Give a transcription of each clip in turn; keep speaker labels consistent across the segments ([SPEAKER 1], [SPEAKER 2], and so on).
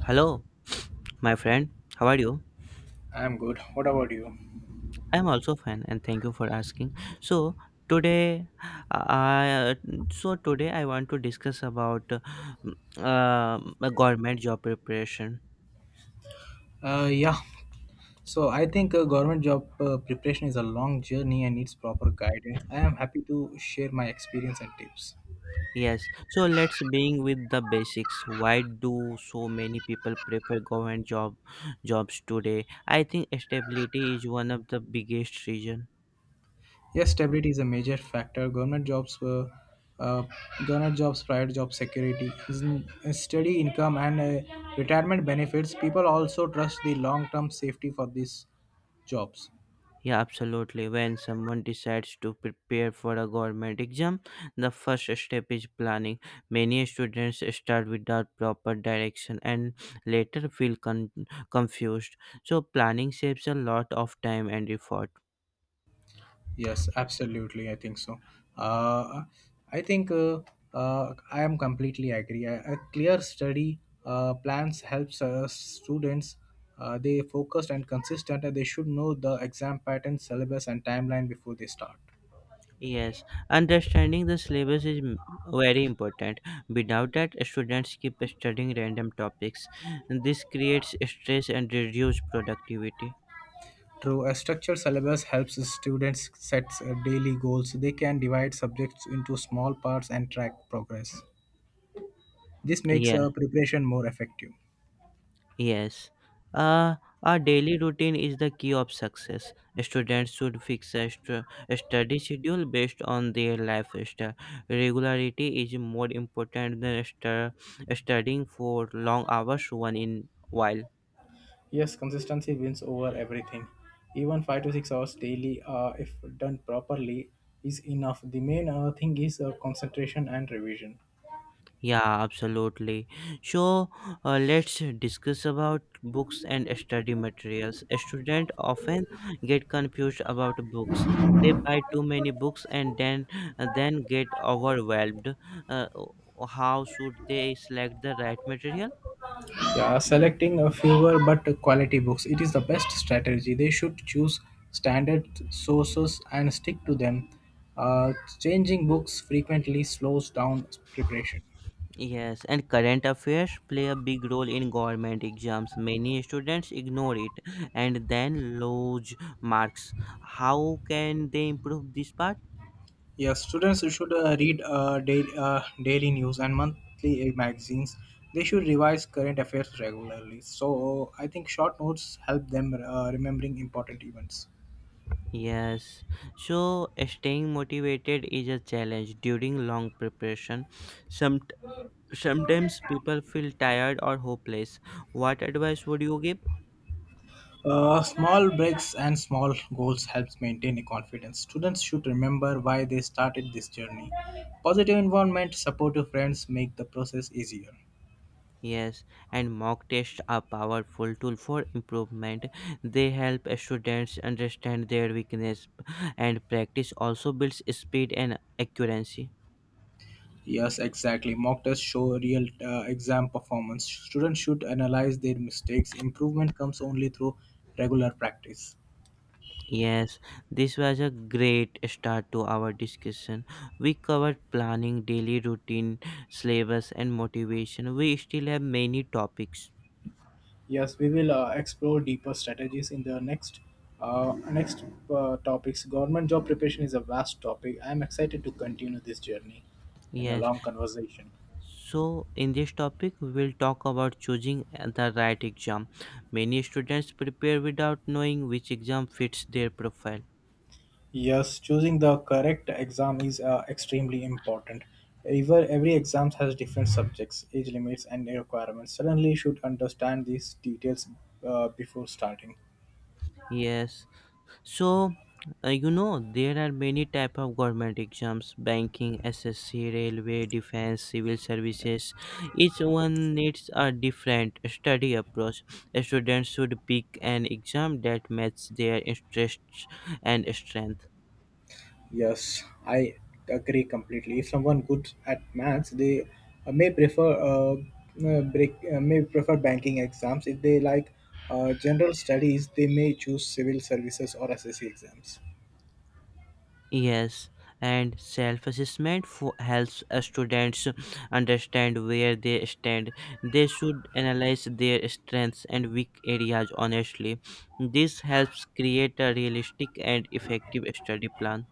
[SPEAKER 1] Hello, my friend. How are you?
[SPEAKER 2] I'm good. What about you?
[SPEAKER 1] I'm also fine, and thank you for asking. So today, I so today I want to discuss about government job preparation.
[SPEAKER 2] Yeah. So I think government job preparation is a long journey and needs proper guidance. I am happy to share my experience and tips.
[SPEAKER 1] Yes. So let's begin with the basics. Why do so many people prefer government jobs today? I think stability is one of the biggest reason.
[SPEAKER 2] Yes, stability is a major factor. Uh, government jobs, private job security, is steady income and retirement benefits. People also trust the long-term safety for these jobs.
[SPEAKER 1] Yeah, absolutely. When someone decides to prepare for a government exam, the first step is planning. Many students start without proper direction and later feel confused. So, planning saves a lot of time and effort.
[SPEAKER 2] Yes, absolutely. I think so. Uh, I think uh, I am completely agree. A clear study plans helps students. They focused and consistent, and they should know the exam pattern, syllabus, and timeline before they start.
[SPEAKER 1] Yes, understanding the syllabus is very important. Without that, students keep studying random topics. This creates stress and reduces productivity.
[SPEAKER 2] True, a structured syllabus helps students set daily goals. They can divide subjects into small parts and track progress. This makes
[SPEAKER 1] Yes.
[SPEAKER 2] preparation more effective.
[SPEAKER 1] Yes. Uh, our daily routine is the key of success. Students should fix a study schedule based on their lifestyle. Regularity is more important than studying for long hours one in while.
[SPEAKER 2] Yes, consistency wins over everything. Even 5 to 6 hours daily, if done properly, is enough. The main thing is concentration and revision.
[SPEAKER 1] Yeah, absolutely. So let's discuss about books and study materials. Students often get confused about books. They buy too many books and then get overwhelmed. Uh, how should they select the right material?
[SPEAKER 2] Yeah, selecting a fewer but quality books. It is the best strategy. They should choose standard sources and stick to them. Uh, changing books frequently slows down preparation.
[SPEAKER 1] Yes, and current affairs play a big role in government exams. Many students ignore it and then lose marks. How can they improve this part?
[SPEAKER 2] Yes, students should read daily news and monthly magazines. They should revise current affairs regularly. So I think short notes help them remembering important events.
[SPEAKER 1] Yes, so staying motivated is a challenge during long preparation. Some sometimes people feel tired or hopeless. What advice would you give?
[SPEAKER 2] Small breaks and small goals helps maintain a confidence. Students should remember why they started this journey. Positive environment, supportive friends make the process easier.
[SPEAKER 1] Yes, and mock tests are powerful tool for improvement. They help students understand their weakness, and practice also builds speed and accuracy.
[SPEAKER 2] Yes, exactly. Mock tests show real exam performance. Students should analyze their mistakes. Improvement comes only through regular practice.
[SPEAKER 1] Yes, this was a great start to our discussion. We covered planning, daily routine, syllabus, and motivation. We still have many topics.
[SPEAKER 2] Yes, we will explore deeper strategies in the next uh, next topics. Government job preparation is a vast topic. I am excited to continue this journey in a
[SPEAKER 1] Yes,
[SPEAKER 2] long conversation.
[SPEAKER 1] so in this topic, we will talk about choosing the right exam. Many students prepare without knowing which exam fits their profile.
[SPEAKER 2] Yes, choosing the correct exam is extremely important. Every exam has different subjects, age limits, and requirements. Suddenly, you should understand these details before starting.
[SPEAKER 1] Yes. So, you know, there are many type of government exams: banking, SSC, railway, defense, civil services. Each one needs a different study approach. Students should pick an exam that matches their interests and strength.
[SPEAKER 2] Yes, I agree completely. If someone good at maths, they uh, may prefer uh, may prefer banking exams. If they like general studies, they may choose civil services or SSC exams.
[SPEAKER 1] Yes, and self assessment helps students understand where they stand. They should analyze their strengths and weak areas honestly. This helps create a realistic and effective study plan.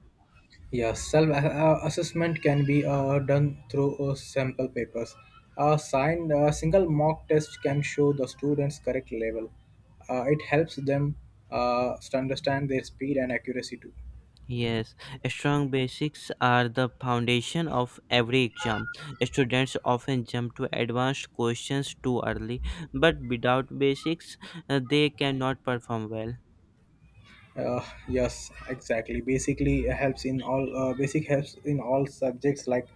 [SPEAKER 2] Yeah, self assessment can be done through sample papers. A single mock test can show the students' correct level. It helps them to understand their speed and accuracy too.
[SPEAKER 1] Yes, strong basics are the foundation of every exam. Students often jump to advanced questions too early, but without basics, they cannot perform well.
[SPEAKER 2] Yes, exactly. Basic helps in all subjects like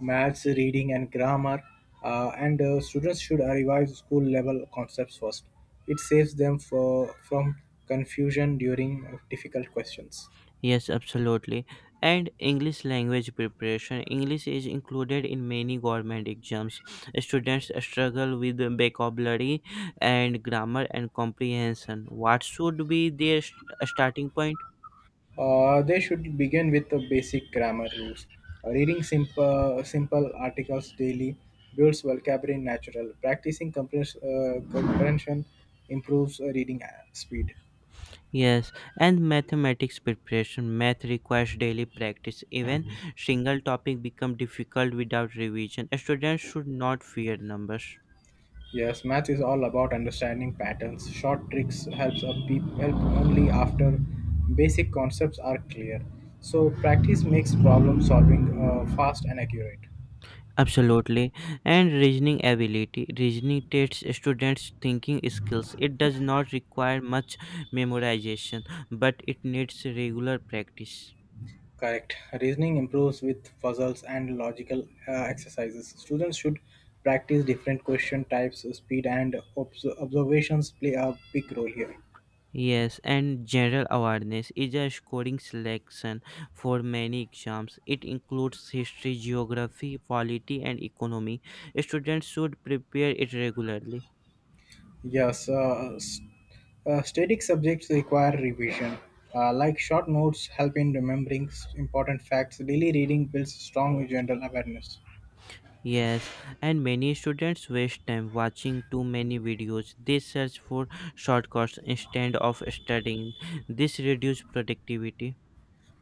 [SPEAKER 2] maths, reading, and grammar. And students should revise school level concepts first. It saves them from confusion during difficult questions.
[SPEAKER 1] Yes, absolutely. And English language preparation. English is included in many government exams. Students struggle with the vocabulary and grammar and comprehension. What should be their starting point?
[SPEAKER 2] They should begin with the basic grammar rules. Reading simple articles daily builds vocabulary natural. Practicing comprehension improves reading speed.
[SPEAKER 1] Yes, and mathematics preparation. Math requires daily practice. Even single topic become difficult without revision. Students should not fear numbers.
[SPEAKER 2] Yes, math is all about understanding patterns. Short tricks helps a peep help only after basic concepts are clear. So practice makes problem solving fast and accurate.
[SPEAKER 1] Absolutely. And reasoning ability. Reasoning tests students' thinking skills. It does not require much memorization, but it needs regular practice.
[SPEAKER 2] Correct. Reasoning improves with puzzles and logical exercises. Students should practice different question types. Speed and observations play a big role here.
[SPEAKER 1] Yes, and general awareness is a scoring selection for many exams. It includes history, geography, polity, and economy. Students should prepare it regularly.
[SPEAKER 2] Yes, static subjects require revision. Like short notes help in remembering important facts, daily reading builds strong general awareness.
[SPEAKER 1] Yes, and many students waste time watching too many videos. They search for shortcuts instead of studying. This reduces productivity.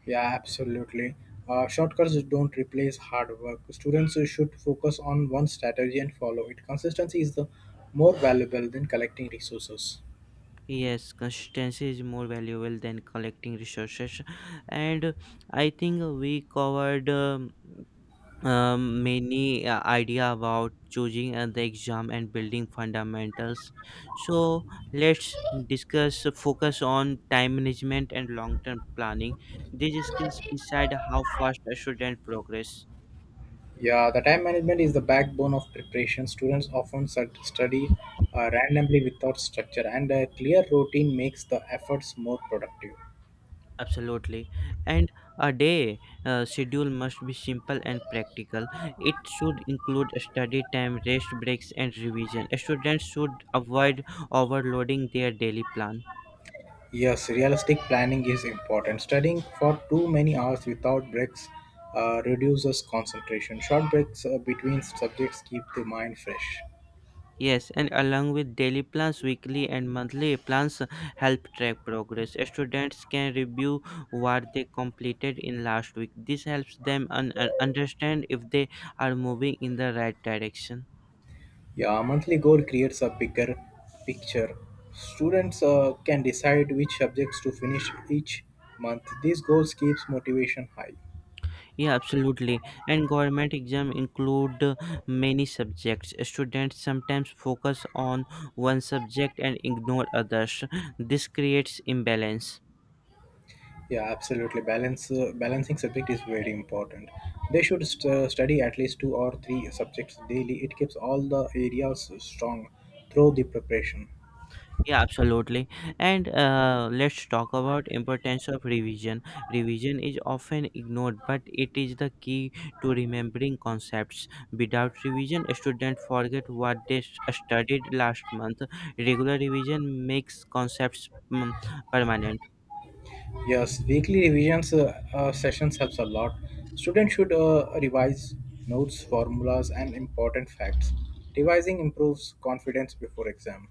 [SPEAKER 2] Yeah, absolutely. Shortcuts don't replace hard work. Students should focus on one strategy and follow it. Consistency is the more valuable than collecting resources.
[SPEAKER 1] Yes, consistency is more valuable than collecting resources. And I think we covered. Many idea about choosing the exam and building fundamentals, so let's discuss focus on time management and long term planning. These skills decide how fast a student progress.
[SPEAKER 2] Yeah, the time management is the backbone of preparation. Students often study randomly without structure, and a clear routine makes the efforts more productive.
[SPEAKER 1] Absolutely. And a day schedule must be simple and practical. It should include study time, rest breaks, and revision. Students should avoid overloading their daily plan.
[SPEAKER 2] Yes, realistic planning is important. Studying for too many hours without breaks reduces concentration. Short breaks between subjects keep the mind fresh.
[SPEAKER 1] Yes, and along with daily plans, weekly and monthly plans help track progress. Students can review what they completed in last week. This helps them understand if they are moving in the right direction.
[SPEAKER 2] Yeah, a monthly goal creates a bigger picture. Students can decide which subjects to finish each month. These goals keeps motivation high.
[SPEAKER 1] Yeah, absolutely. And government exam include many subjects. Students sometimes focus on one subject and ignore others. This creates imbalance.
[SPEAKER 2] Yeah, absolutely. Balance balancing subject is very important. They should study at least two or three subjects daily. It keeps all the areas strong through the preparation.
[SPEAKER 1] Yeah, absolutely. And let's talk about importance of revision. Revision is often ignored, but it is the key to remembering concepts. Without revision, students forget what they studied last month. Regular revision makes concepts permanent.
[SPEAKER 2] Yes, weekly revisions sessions helps a lot. Students should revise notes, formulas, and important facts. Revising improves confidence before exam.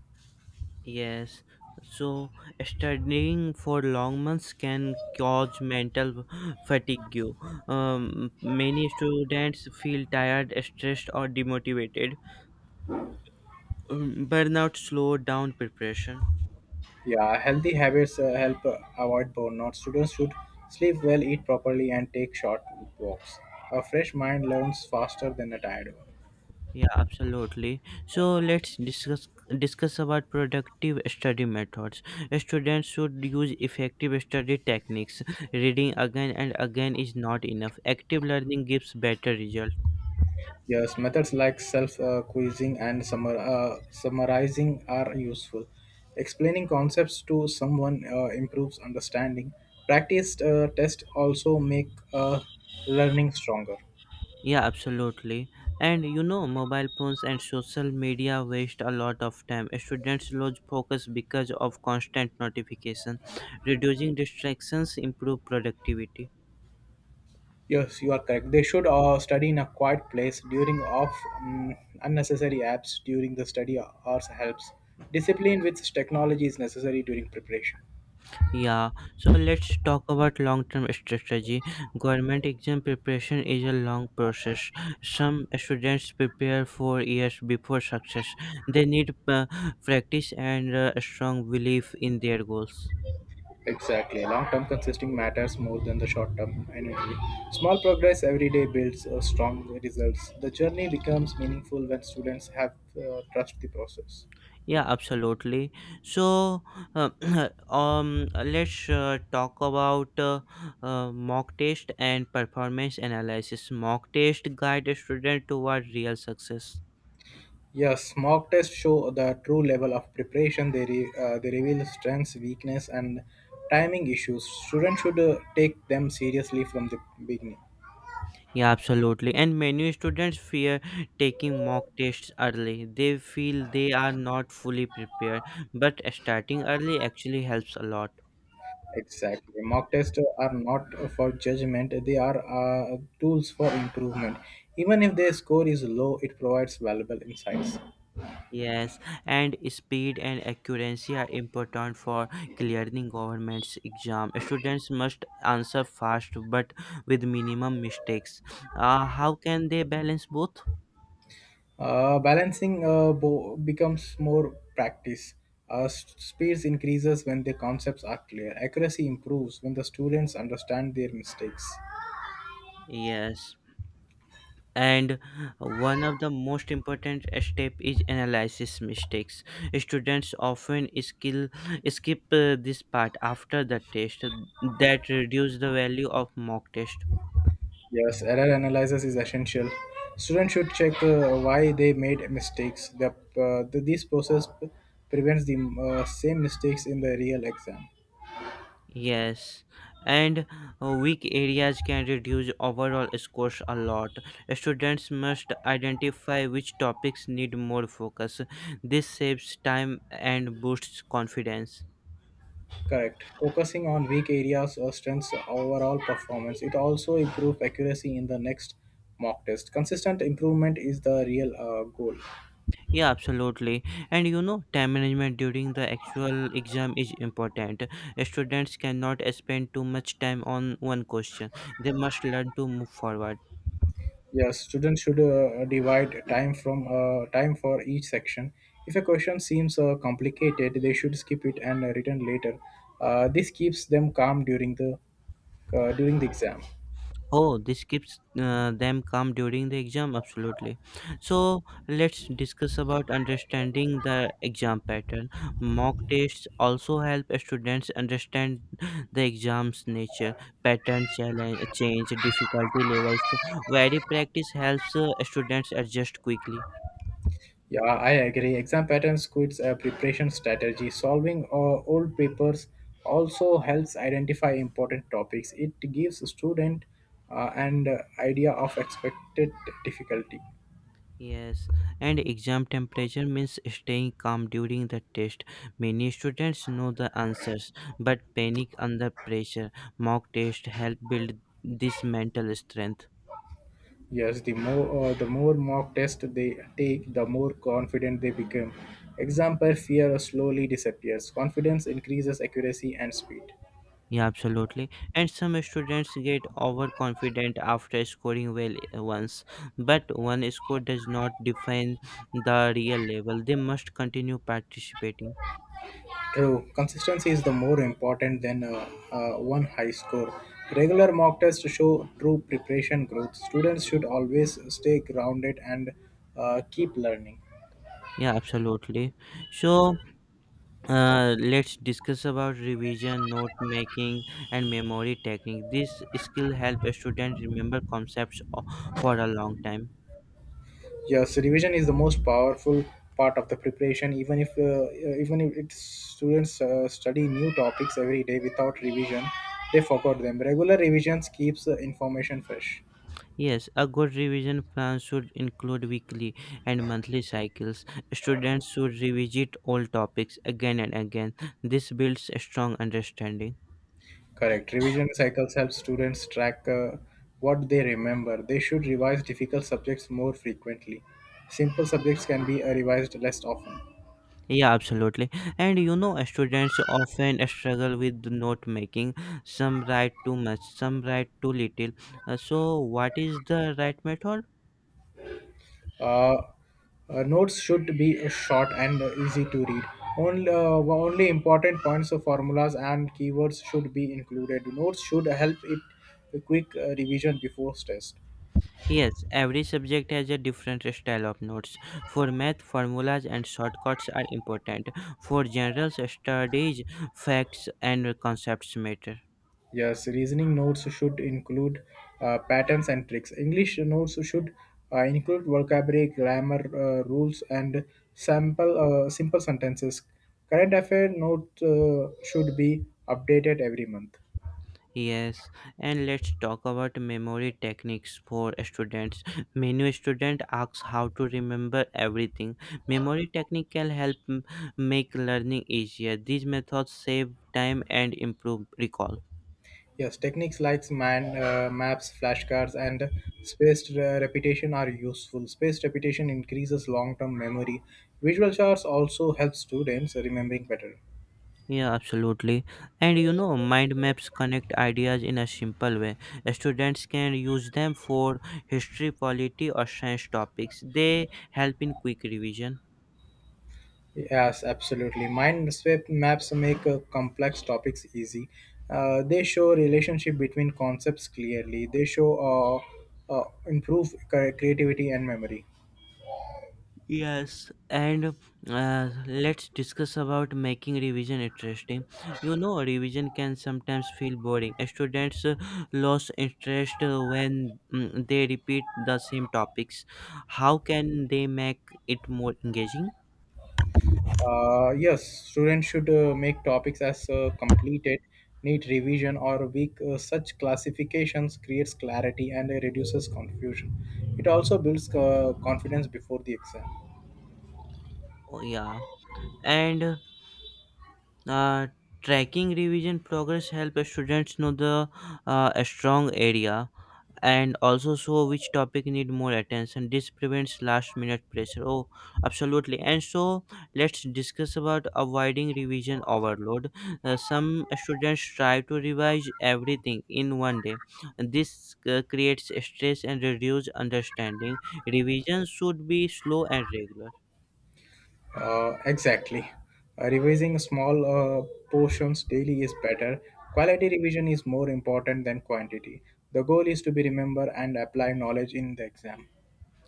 [SPEAKER 1] Yes. So, studying for long months can cause mental fatigue. Many students feel tired, stressed, or demotivated. Burnout slowed down preparation.
[SPEAKER 2] Yeah, healthy habits help avoid burnout. Students should sleep well, eat properly, and take short walks. A fresh mind learns faster than a tired one.
[SPEAKER 1] Yeah, absolutely. So let's discuss about productive study methods. Students should use effective study techniques. Reading again and again is not enough. Active learning gives better result.
[SPEAKER 2] Yes, methods like self quizzing and summarizing are useful. Explaining concepts to someone improves understanding. Practiced tests also make learning stronger.
[SPEAKER 1] Yeah, absolutely. And you know, mobile phones and social media waste a lot of time. Students lose focus because of constant notification. Reducing distractions improve productivity.
[SPEAKER 2] Yes, you are correct. They should study in a quiet place during off unnecessary apps during the study hours helps. Discipline with technology is necessary during preparation.
[SPEAKER 1] Yeah, so let's talk about long-term strategy. Government exam preparation is a long process. Some students prepare for years before success. They need practice and a strong belief in their goals.
[SPEAKER 2] Exactly. Long term consisting matters more than the short term energy. Small progress every day builds strong results. The journey becomes meaningful when students have trust the process.
[SPEAKER 1] Yeah, absolutely. So, uh, let's talk about mock test and performance analysis. Mock test guide a student toward real success.
[SPEAKER 2] Yes, mock tests show the true level of preparation. They reveal strengths, weakness, and timing issues. Students should take them seriously from the beginning.
[SPEAKER 1] Yeah, absolutely. And many students fear taking mock tests early. They feel they are not fully prepared, but starting early actually helps a lot.
[SPEAKER 2] Exactly. Mock tests are not for judgment, they are tools for improvement. Even if their score is low, it provides valuable insights.
[SPEAKER 1] Yes, and speed and accuracy are important for clearing government's exam. Students must answer fast but with minimum mistakes. How can they balance both?
[SPEAKER 2] Balancing becomes more practice. Speeds increases when the concepts are clear. Accuracy improves when the students understand their mistakes.
[SPEAKER 1] Yes. And one of the most important step is analysis mistakes. Students often skip this part after the test. That reduce the value of mock test.
[SPEAKER 2] Yes, error analysis is essential. Students should check why they made mistakes. The this process prevents the same mistakes in the real exam.
[SPEAKER 1] Yes, and weak areas can reduce overall scores a lot. Students must identify which topics need more focus. This saves time and boosts confidence.
[SPEAKER 2] Correct. Focusing on weak areas strengths overall performance. It also improves accuracy in the next mock test. Consistent improvement is the real goal.
[SPEAKER 1] Yeah, absolutely. And you know, time management during the actual exam is important. Students cannot spend too much time on one question. They must learn to move forward.
[SPEAKER 2] Yeah, students should divide time from time for each section. If a question seems complicated, they should skip it and return later. This keeps them calm during the exam.
[SPEAKER 1] Oh, this keeps them calm during the exam. Absolutely. So let's discuss about understanding the exam pattern. Mock tests also help students understand the exam's nature, pattern, challenge, change, difficulty levels. Varied practice helps students adjust quickly.
[SPEAKER 2] Yeah, I agree. Exam patterns, quiz, preparation strategy, solving old papers also helps identify important topics. It gives student an idea of expected difficulty.
[SPEAKER 1] Yes, and exam temperature means staying calm during the test. Many students know the answers but panic under pressure. Mock test help build this mental strength.
[SPEAKER 2] Yes, the more mock test they take, the more confident they become. Example: fear slowly disappears. Confidence increases accuracy and speed.
[SPEAKER 1] Yeah, absolutely. And some students get overconfident after scoring well once, but one score does not define the real level. They must continue participating.
[SPEAKER 2] True, consistency is the more important than one high score. Regular mock tests show true preparation growth. Students should always stay grounded and keep learning.
[SPEAKER 1] Yeah, absolutely. So, let's discuss about revision, note making, and memory technique. This skill help a student remember for a long time.
[SPEAKER 2] Yes, revision is the most powerful part of the preparation. Even if it's students study new topics every day without revision, they forgot them. Regular revisions keeps information fresh.
[SPEAKER 1] Yes, a good revision plan should include weekly and monthly cycles. Students should revisit all topics again and again. This builds a strong understanding.
[SPEAKER 2] Correct. Revision cycles help students track what they remember. They should revise difficult subjects more frequently. Simple subjects can be revised less often.
[SPEAKER 1] Yeah, absolutely. And you know, students often struggle with note making. Some write too much, some write too little. So, what is the right method?
[SPEAKER 2] Uh, notes should be short and easy to read. Only important points of formulas and keywords should be included. Notes should help it a quick revision before test.
[SPEAKER 1] Yes, every subject has a different style of notes. For math, formulas and shortcuts are important. For general studies, facts and concepts matter.
[SPEAKER 2] Yes, reasoning notes should include patterns and tricks. English notes should include vocabulary, grammar rules, and sample simple sentences. Current affair note should be updated every month.
[SPEAKER 1] Yes, and let's talk about memory techniques for students. Many students ask how to remember everything. Memory technique can help make learning easier. These methods save time and improve recall.
[SPEAKER 2] Yes, techniques like man maps, flashcards, and spaced repetition are useful. Spaced repetition increases long-term memory. Visual charts also help students remembering better.
[SPEAKER 1] Yeah, absolutely. And you know, mind maps connect ideas in a simple way. Students can use them for history, polity, or science topics. They help in quick revision.
[SPEAKER 2] Yes, absolutely. Mind sweep maps make complex topics easy. They show relationship between concepts clearly. They show improve creativity and memory.
[SPEAKER 1] Yes, and let's discuss about making revision interesting. You know, revision can sometimes feel boring. Students lose interest when they repeat the same topics. How can they make it more engaging?
[SPEAKER 2] Yes, students should make topics as completed, need revision or weak. Such classifications creates clarity and reduces confusion. It also builds confidence before the exam.
[SPEAKER 1] Oh, yeah, and uh, tracking revision progress help students know the a strong area and also show which topic need more attention. This prevents last minute pressure. Oh, absolutely. And so let's discuss about avoiding revision overload. Some students try to revise everything in one day. This creates stress and reduce understanding. Revision should be slow and regular.
[SPEAKER 2] Exactly. Revising small portions daily is better. Quality revision is more important than quantity. The goal is to be remember and apply knowledge in the exam.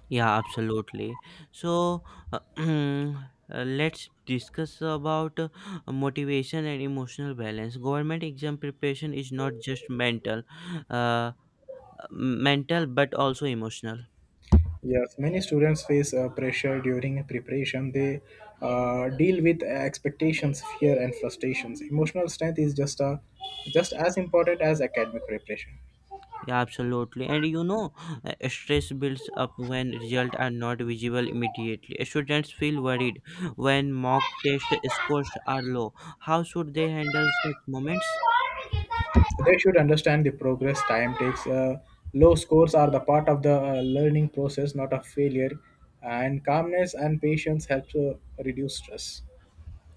[SPEAKER 1] Yeah, absolutely. So, uh, let's discuss about motivation and emotional balance. Government exam preparation is not just uh, mental but also emotional.
[SPEAKER 2] Yes, many students face pressure during preparation. They deal with expectations, fear, and frustrations. Emotional strength is just as important as academic preparation.
[SPEAKER 1] Yeah, absolutely. And you know, stress builds up when results are not visible immediately. Students feel worried when mock test scores are low. How should they handle such moments?
[SPEAKER 2] They should understand the progress time takes. Low scores are the part of the learning process, not a failure. And calmness and patience helps reduce stress.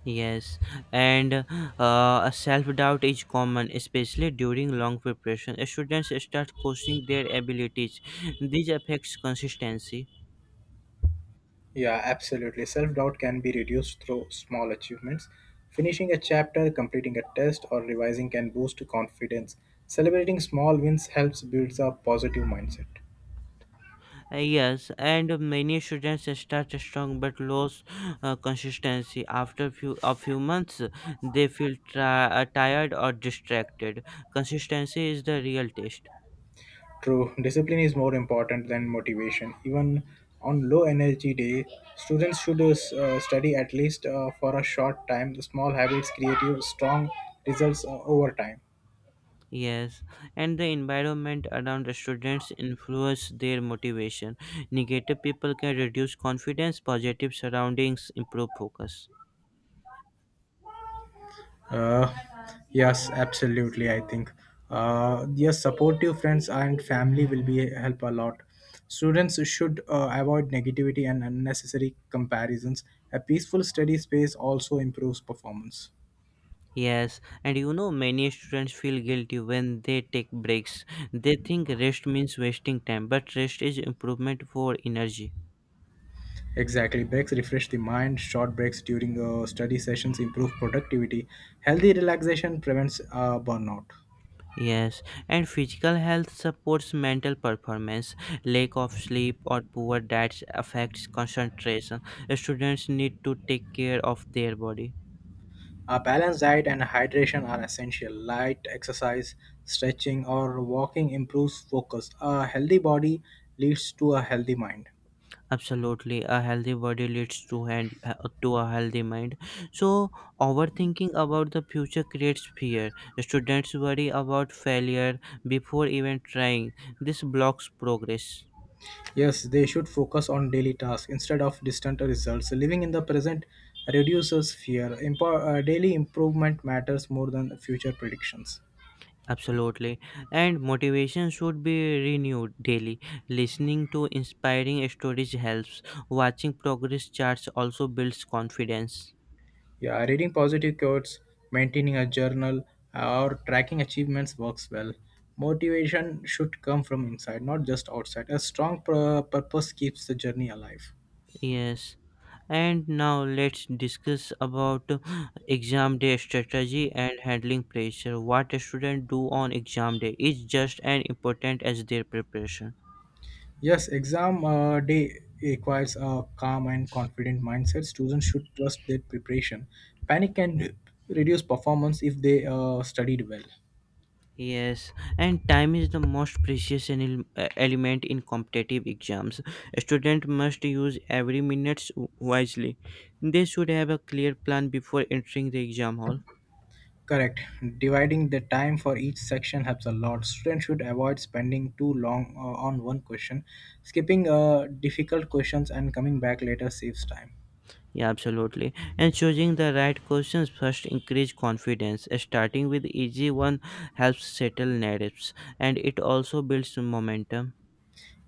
[SPEAKER 1] Yes, and self doubt is common, especially during long preparation. Students start questioning their abilities. This affects consistency.
[SPEAKER 2] Yeah, absolutely. Self doubt can be reduced through small achievements. Finishing a chapter, completing a test, or revising can boost confidence. Celebrating small wins helps build a positive mindset.
[SPEAKER 1] Yes, and many students start strong but lose consistency after few months. They feel tired or distracted. Consistency is the real test.
[SPEAKER 2] True, discipline is more important than motivation. Even on low energy day, students should study at least for a short time. The small habits create you strong results over time.
[SPEAKER 1] Yes, and the environment around the students influence their motivation. Negative people can reduce confidence, positive surroundings improve focus.
[SPEAKER 2] Uh, yes, absolutely. I think yes, supportive friends and family will be help a lot. Students should avoid negativity and unnecessary comparisons. A peaceful study space also improves performance.
[SPEAKER 1] Yes, and you know, many students feel guilty when they take breaks. They think rest means wasting time, but rest is improvement for energy.
[SPEAKER 2] Exactly. Breaks refresh the mind. Short breaks during study sessions improve productivity. Healthy relaxation prevents burnout.
[SPEAKER 1] Yes, and physical health supports mental performance. Lack of sleep or poor diets affects concentration. Students need to take care of their body.
[SPEAKER 2] A balanced diet and hydration are essential. Light exercise, stretching, or walking improves focus. A healthy body leads to a healthy mind.
[SPEAKER 1] Absolutely, a healthy body leads to and to a healthy mind. So, overthinking about the future creates fear. Students worry about failure before even trying. This blocks progress.
[SPEAKER 2] Yes, they should focus on daily tasks instead of distant results. Living in the present reduces fear. Daily improvement matters more than future predictions.
[SPEAKER 1] Absolutely, and motivation should be renewed daily. Listening to inspiring stories helps. Watching progress charts also builds confidence.
[SPEAKER 2] Yeah, reading positive quotes, maintaining a journal, or tracking achievements works well. Motivation should come from inside, not just outside. A strong purpose keeps the journey alive.
[SPEAKER 1] Yes. And now let's discuss about exam day strategy and handling pressure. What a student do on exam day is just as important as their preparation.
[SPEAKER 2] Yes, exam day requires a calm and confident mindset. Students should trust their preparation. Panic can reduce performance if they studied well.
[SPEAKER 1] Yes, and time is the most precious element in competitive exams. A student must use every minute wisely. They should have a clear plan before entering the exam hall.
[SPEAKER 2] Correct. Dividing the time for each section helps a lot. Students should avoid spending too long on one question. Skipping difficult questions and coming back later saves time.
[SPEAKER 1] Yeah, absolutely. And choosing the right questions first increase confidence. Starting with easy one helps settle narratives and it also builds momentum.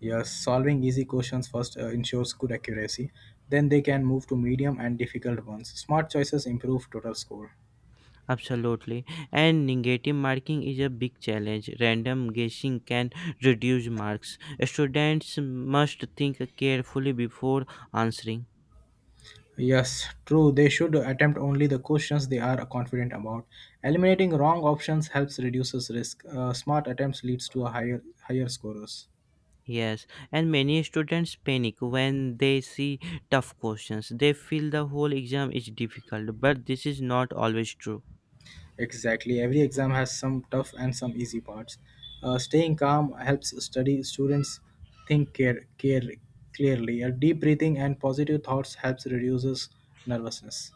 [SPEAKER 2] Yes, solving easy questions first ensures good accuracy. Then they can move to medium and difficult ones. Smart choices improve total score.
[SPEAKER 1] Absolutely. And negative marking is a big challenge. Random guessing can reduce marks. Students must think carefully before answering.
[SPEAKER 2] Yes, true. They should attempt only the questions they are confident about. Eliminating wrong options helps reduces risk. Smart attempts leads to a higher scores.
[SPEAKER 1] Yes, and many students panic when they see tough questions. They feel the whole exam is difficult, but this is not always true.
[SPEAKER 2] Exactly. Every exam has some tough and some easy parts. Staying calm helps study students think care clearly. A deep breathing and positive thoughts helps reduces nervousness.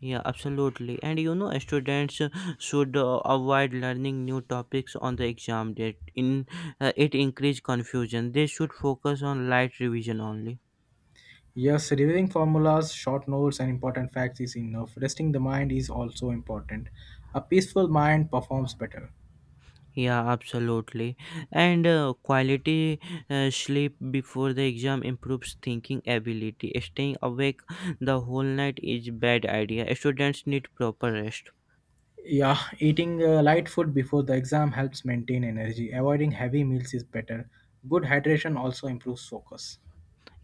[SPEAKER 1] Yeah, absolutely. And you know, students should avoid learning new topics on the exam date. In It increase confusion. They should focus on light revision only.
[SPEAKER 2] Yes, reviewing formulas, short notes, and important facts is enough. Resting the mind is also important. A peaceful mind performs better.
[SPEAKER 1] Yeah, absolutely. And quality sleep before the exam improves thinking ability. Staying awake the whole night is bad idea. Students need proper rest.
[SPEAKER 2] Yeah, eating light food before the exam helps maintain energy. Avoiding heavy meals is better. Good hydration also improves focus.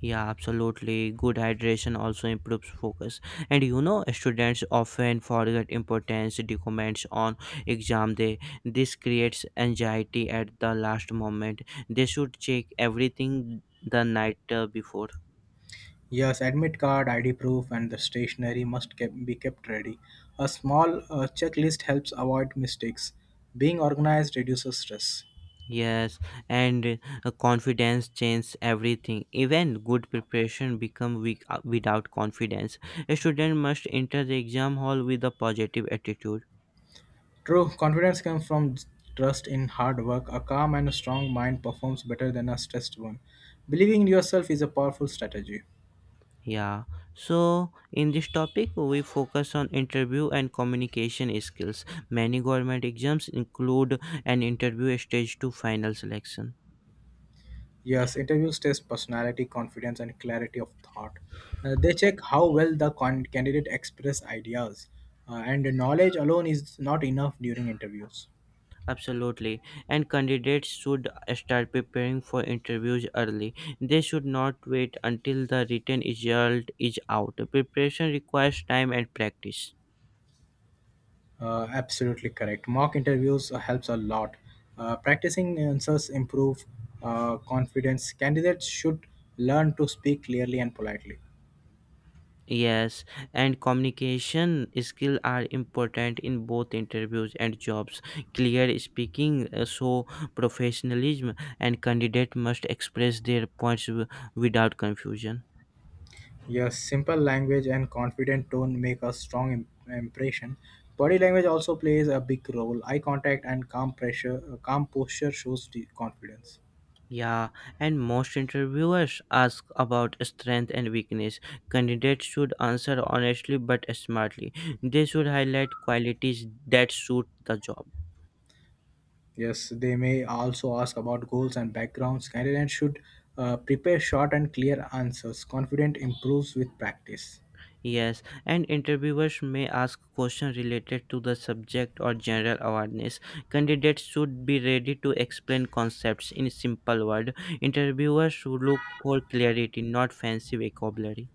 [SPEAKER 1] Yeah, absolutely. Good hydration also improves focus. And you know, students often forget important documents on exam day. This creates anxiety at the last moment. They should check everything the night before.
[SPEAKER 2] Yes, admit card, ID proof, and the stationery must be kept ready. A small checklist helps avoid mistakes. Being organized reduces stress.
[SPEAKER 1] Yes, and confidence changes everything. Even good preparation become weak without confidence. A student must enter the exam hall with a positive attitude.
[SPEAKER 2] True, confidence comes from trust in hard work. A calm and strong mind performs better than a stressed one. Believing in yourself is a powerful strategy.
[SPEAKER 1] Yeah, so in this topic, we focus on interview and communication skills. Many government exams include an interview stage to final selection.
[SPEAKER 2] Yes, interviews test personality, confidence, and clarity of thought. They check how well the candidate express ideas, and knowledge alone is not enough during interviews.
[SPEAKER 1] Absolutely, and candidates should start preparing for interviews early. They should not wait until the written result is out. Preparation requires time and practice.
[SPEAKER 2] Absolutely correct. Mock interviews helps a lot. Practicing answers improve confidence. Candidates should learn to speak clearly and politely.
[SPEAKER 1] Yes, and communication skills are important in both interviews and jobs. Clear speaking, so professionalism, and candidate must express their points without confusion.
[SPEAKER 2] Yes, simple language and confident tone make a strong impression. Body language also plays a big role. Eye contact and calm posture shows the confidence.
[SPEAKER 1] Yeah, and most interviewers ask about strength and weakness. Candidates should answer honestly but smartly. They should highlight qualities that suit the job.
[SPEAKER 2] Yes, they may also ask about goals and backgrounds. Candidates should prepare short and clear answers. Confident improves with practice.
[SPEAKER 1] Yes, and interviewers may ask questions related to the subject or general awareness. Candidates should be ready to explain concepts in simple words. Interviewers should look for clarity, not fancy vocabulary.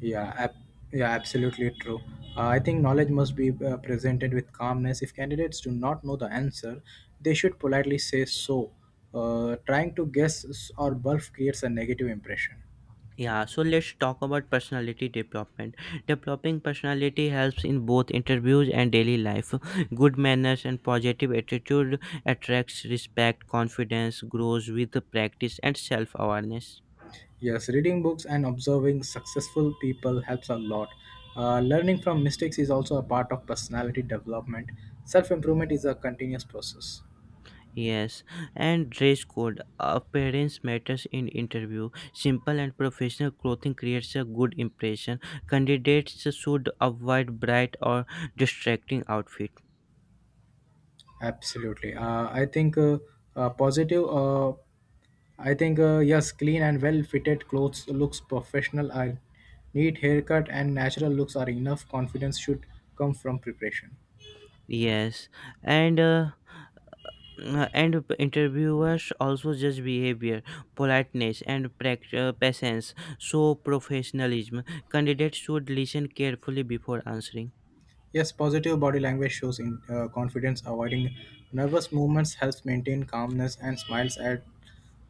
[SPEAKER 2] Yeah, ab- yeah, absolutely true. I think knowledge must be presented with calmness. If candidates do not know the answer, they should politely say so. Trying to guess or bluff creates a negative impression.
[SPEAKER 1] Yeah, so let's talk about personality development. Developing personality helps in both interviews and daily life. Good manners and positive attitude attracts respect, confidence grows with practice and self-awareness.
[SPEAKER 2] Yes, reading books and observing successful people helps a lot. Learning from mistakes is also a part of personality development. Self improvement is a continuous process.
[SPEAKER 1] Yes, and dress code. Appearance matters in interview. Simple and professional clothing creates a good impression. Candidates should avoid bright or distracting outfit.
[SPEAKER 2] Absolutely. I think positive. I think yes, clean and well fitted clothes looks professional. A neat haircut and natural looks are enough. Confidence should come from preparation.
[SPEAKER 1] Yes, and uh, and interviewers also judge behavior, politeness, and patience. So professionalism. Candidates should listen carefully before answering.
[SPEAKER 2] Yes, positive body language shows in confidence. Avoiding nervous movements helps maintain calmness and smiles add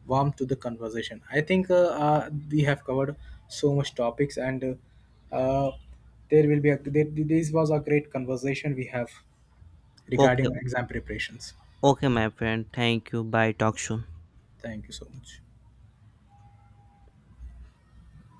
[SPEAKER 2] warmth to the conversation. I think we have covered so much topics and uh, uh, there will be a there, this was a great conversation we have regarding
[SPEAKER 1] Okay,
[SPEAKER 2] exam preparations.
[SPEAKER 1] okay, my friend. Thank you. Bye. Talk soon.
[SPEAKER 2] Thank you so much.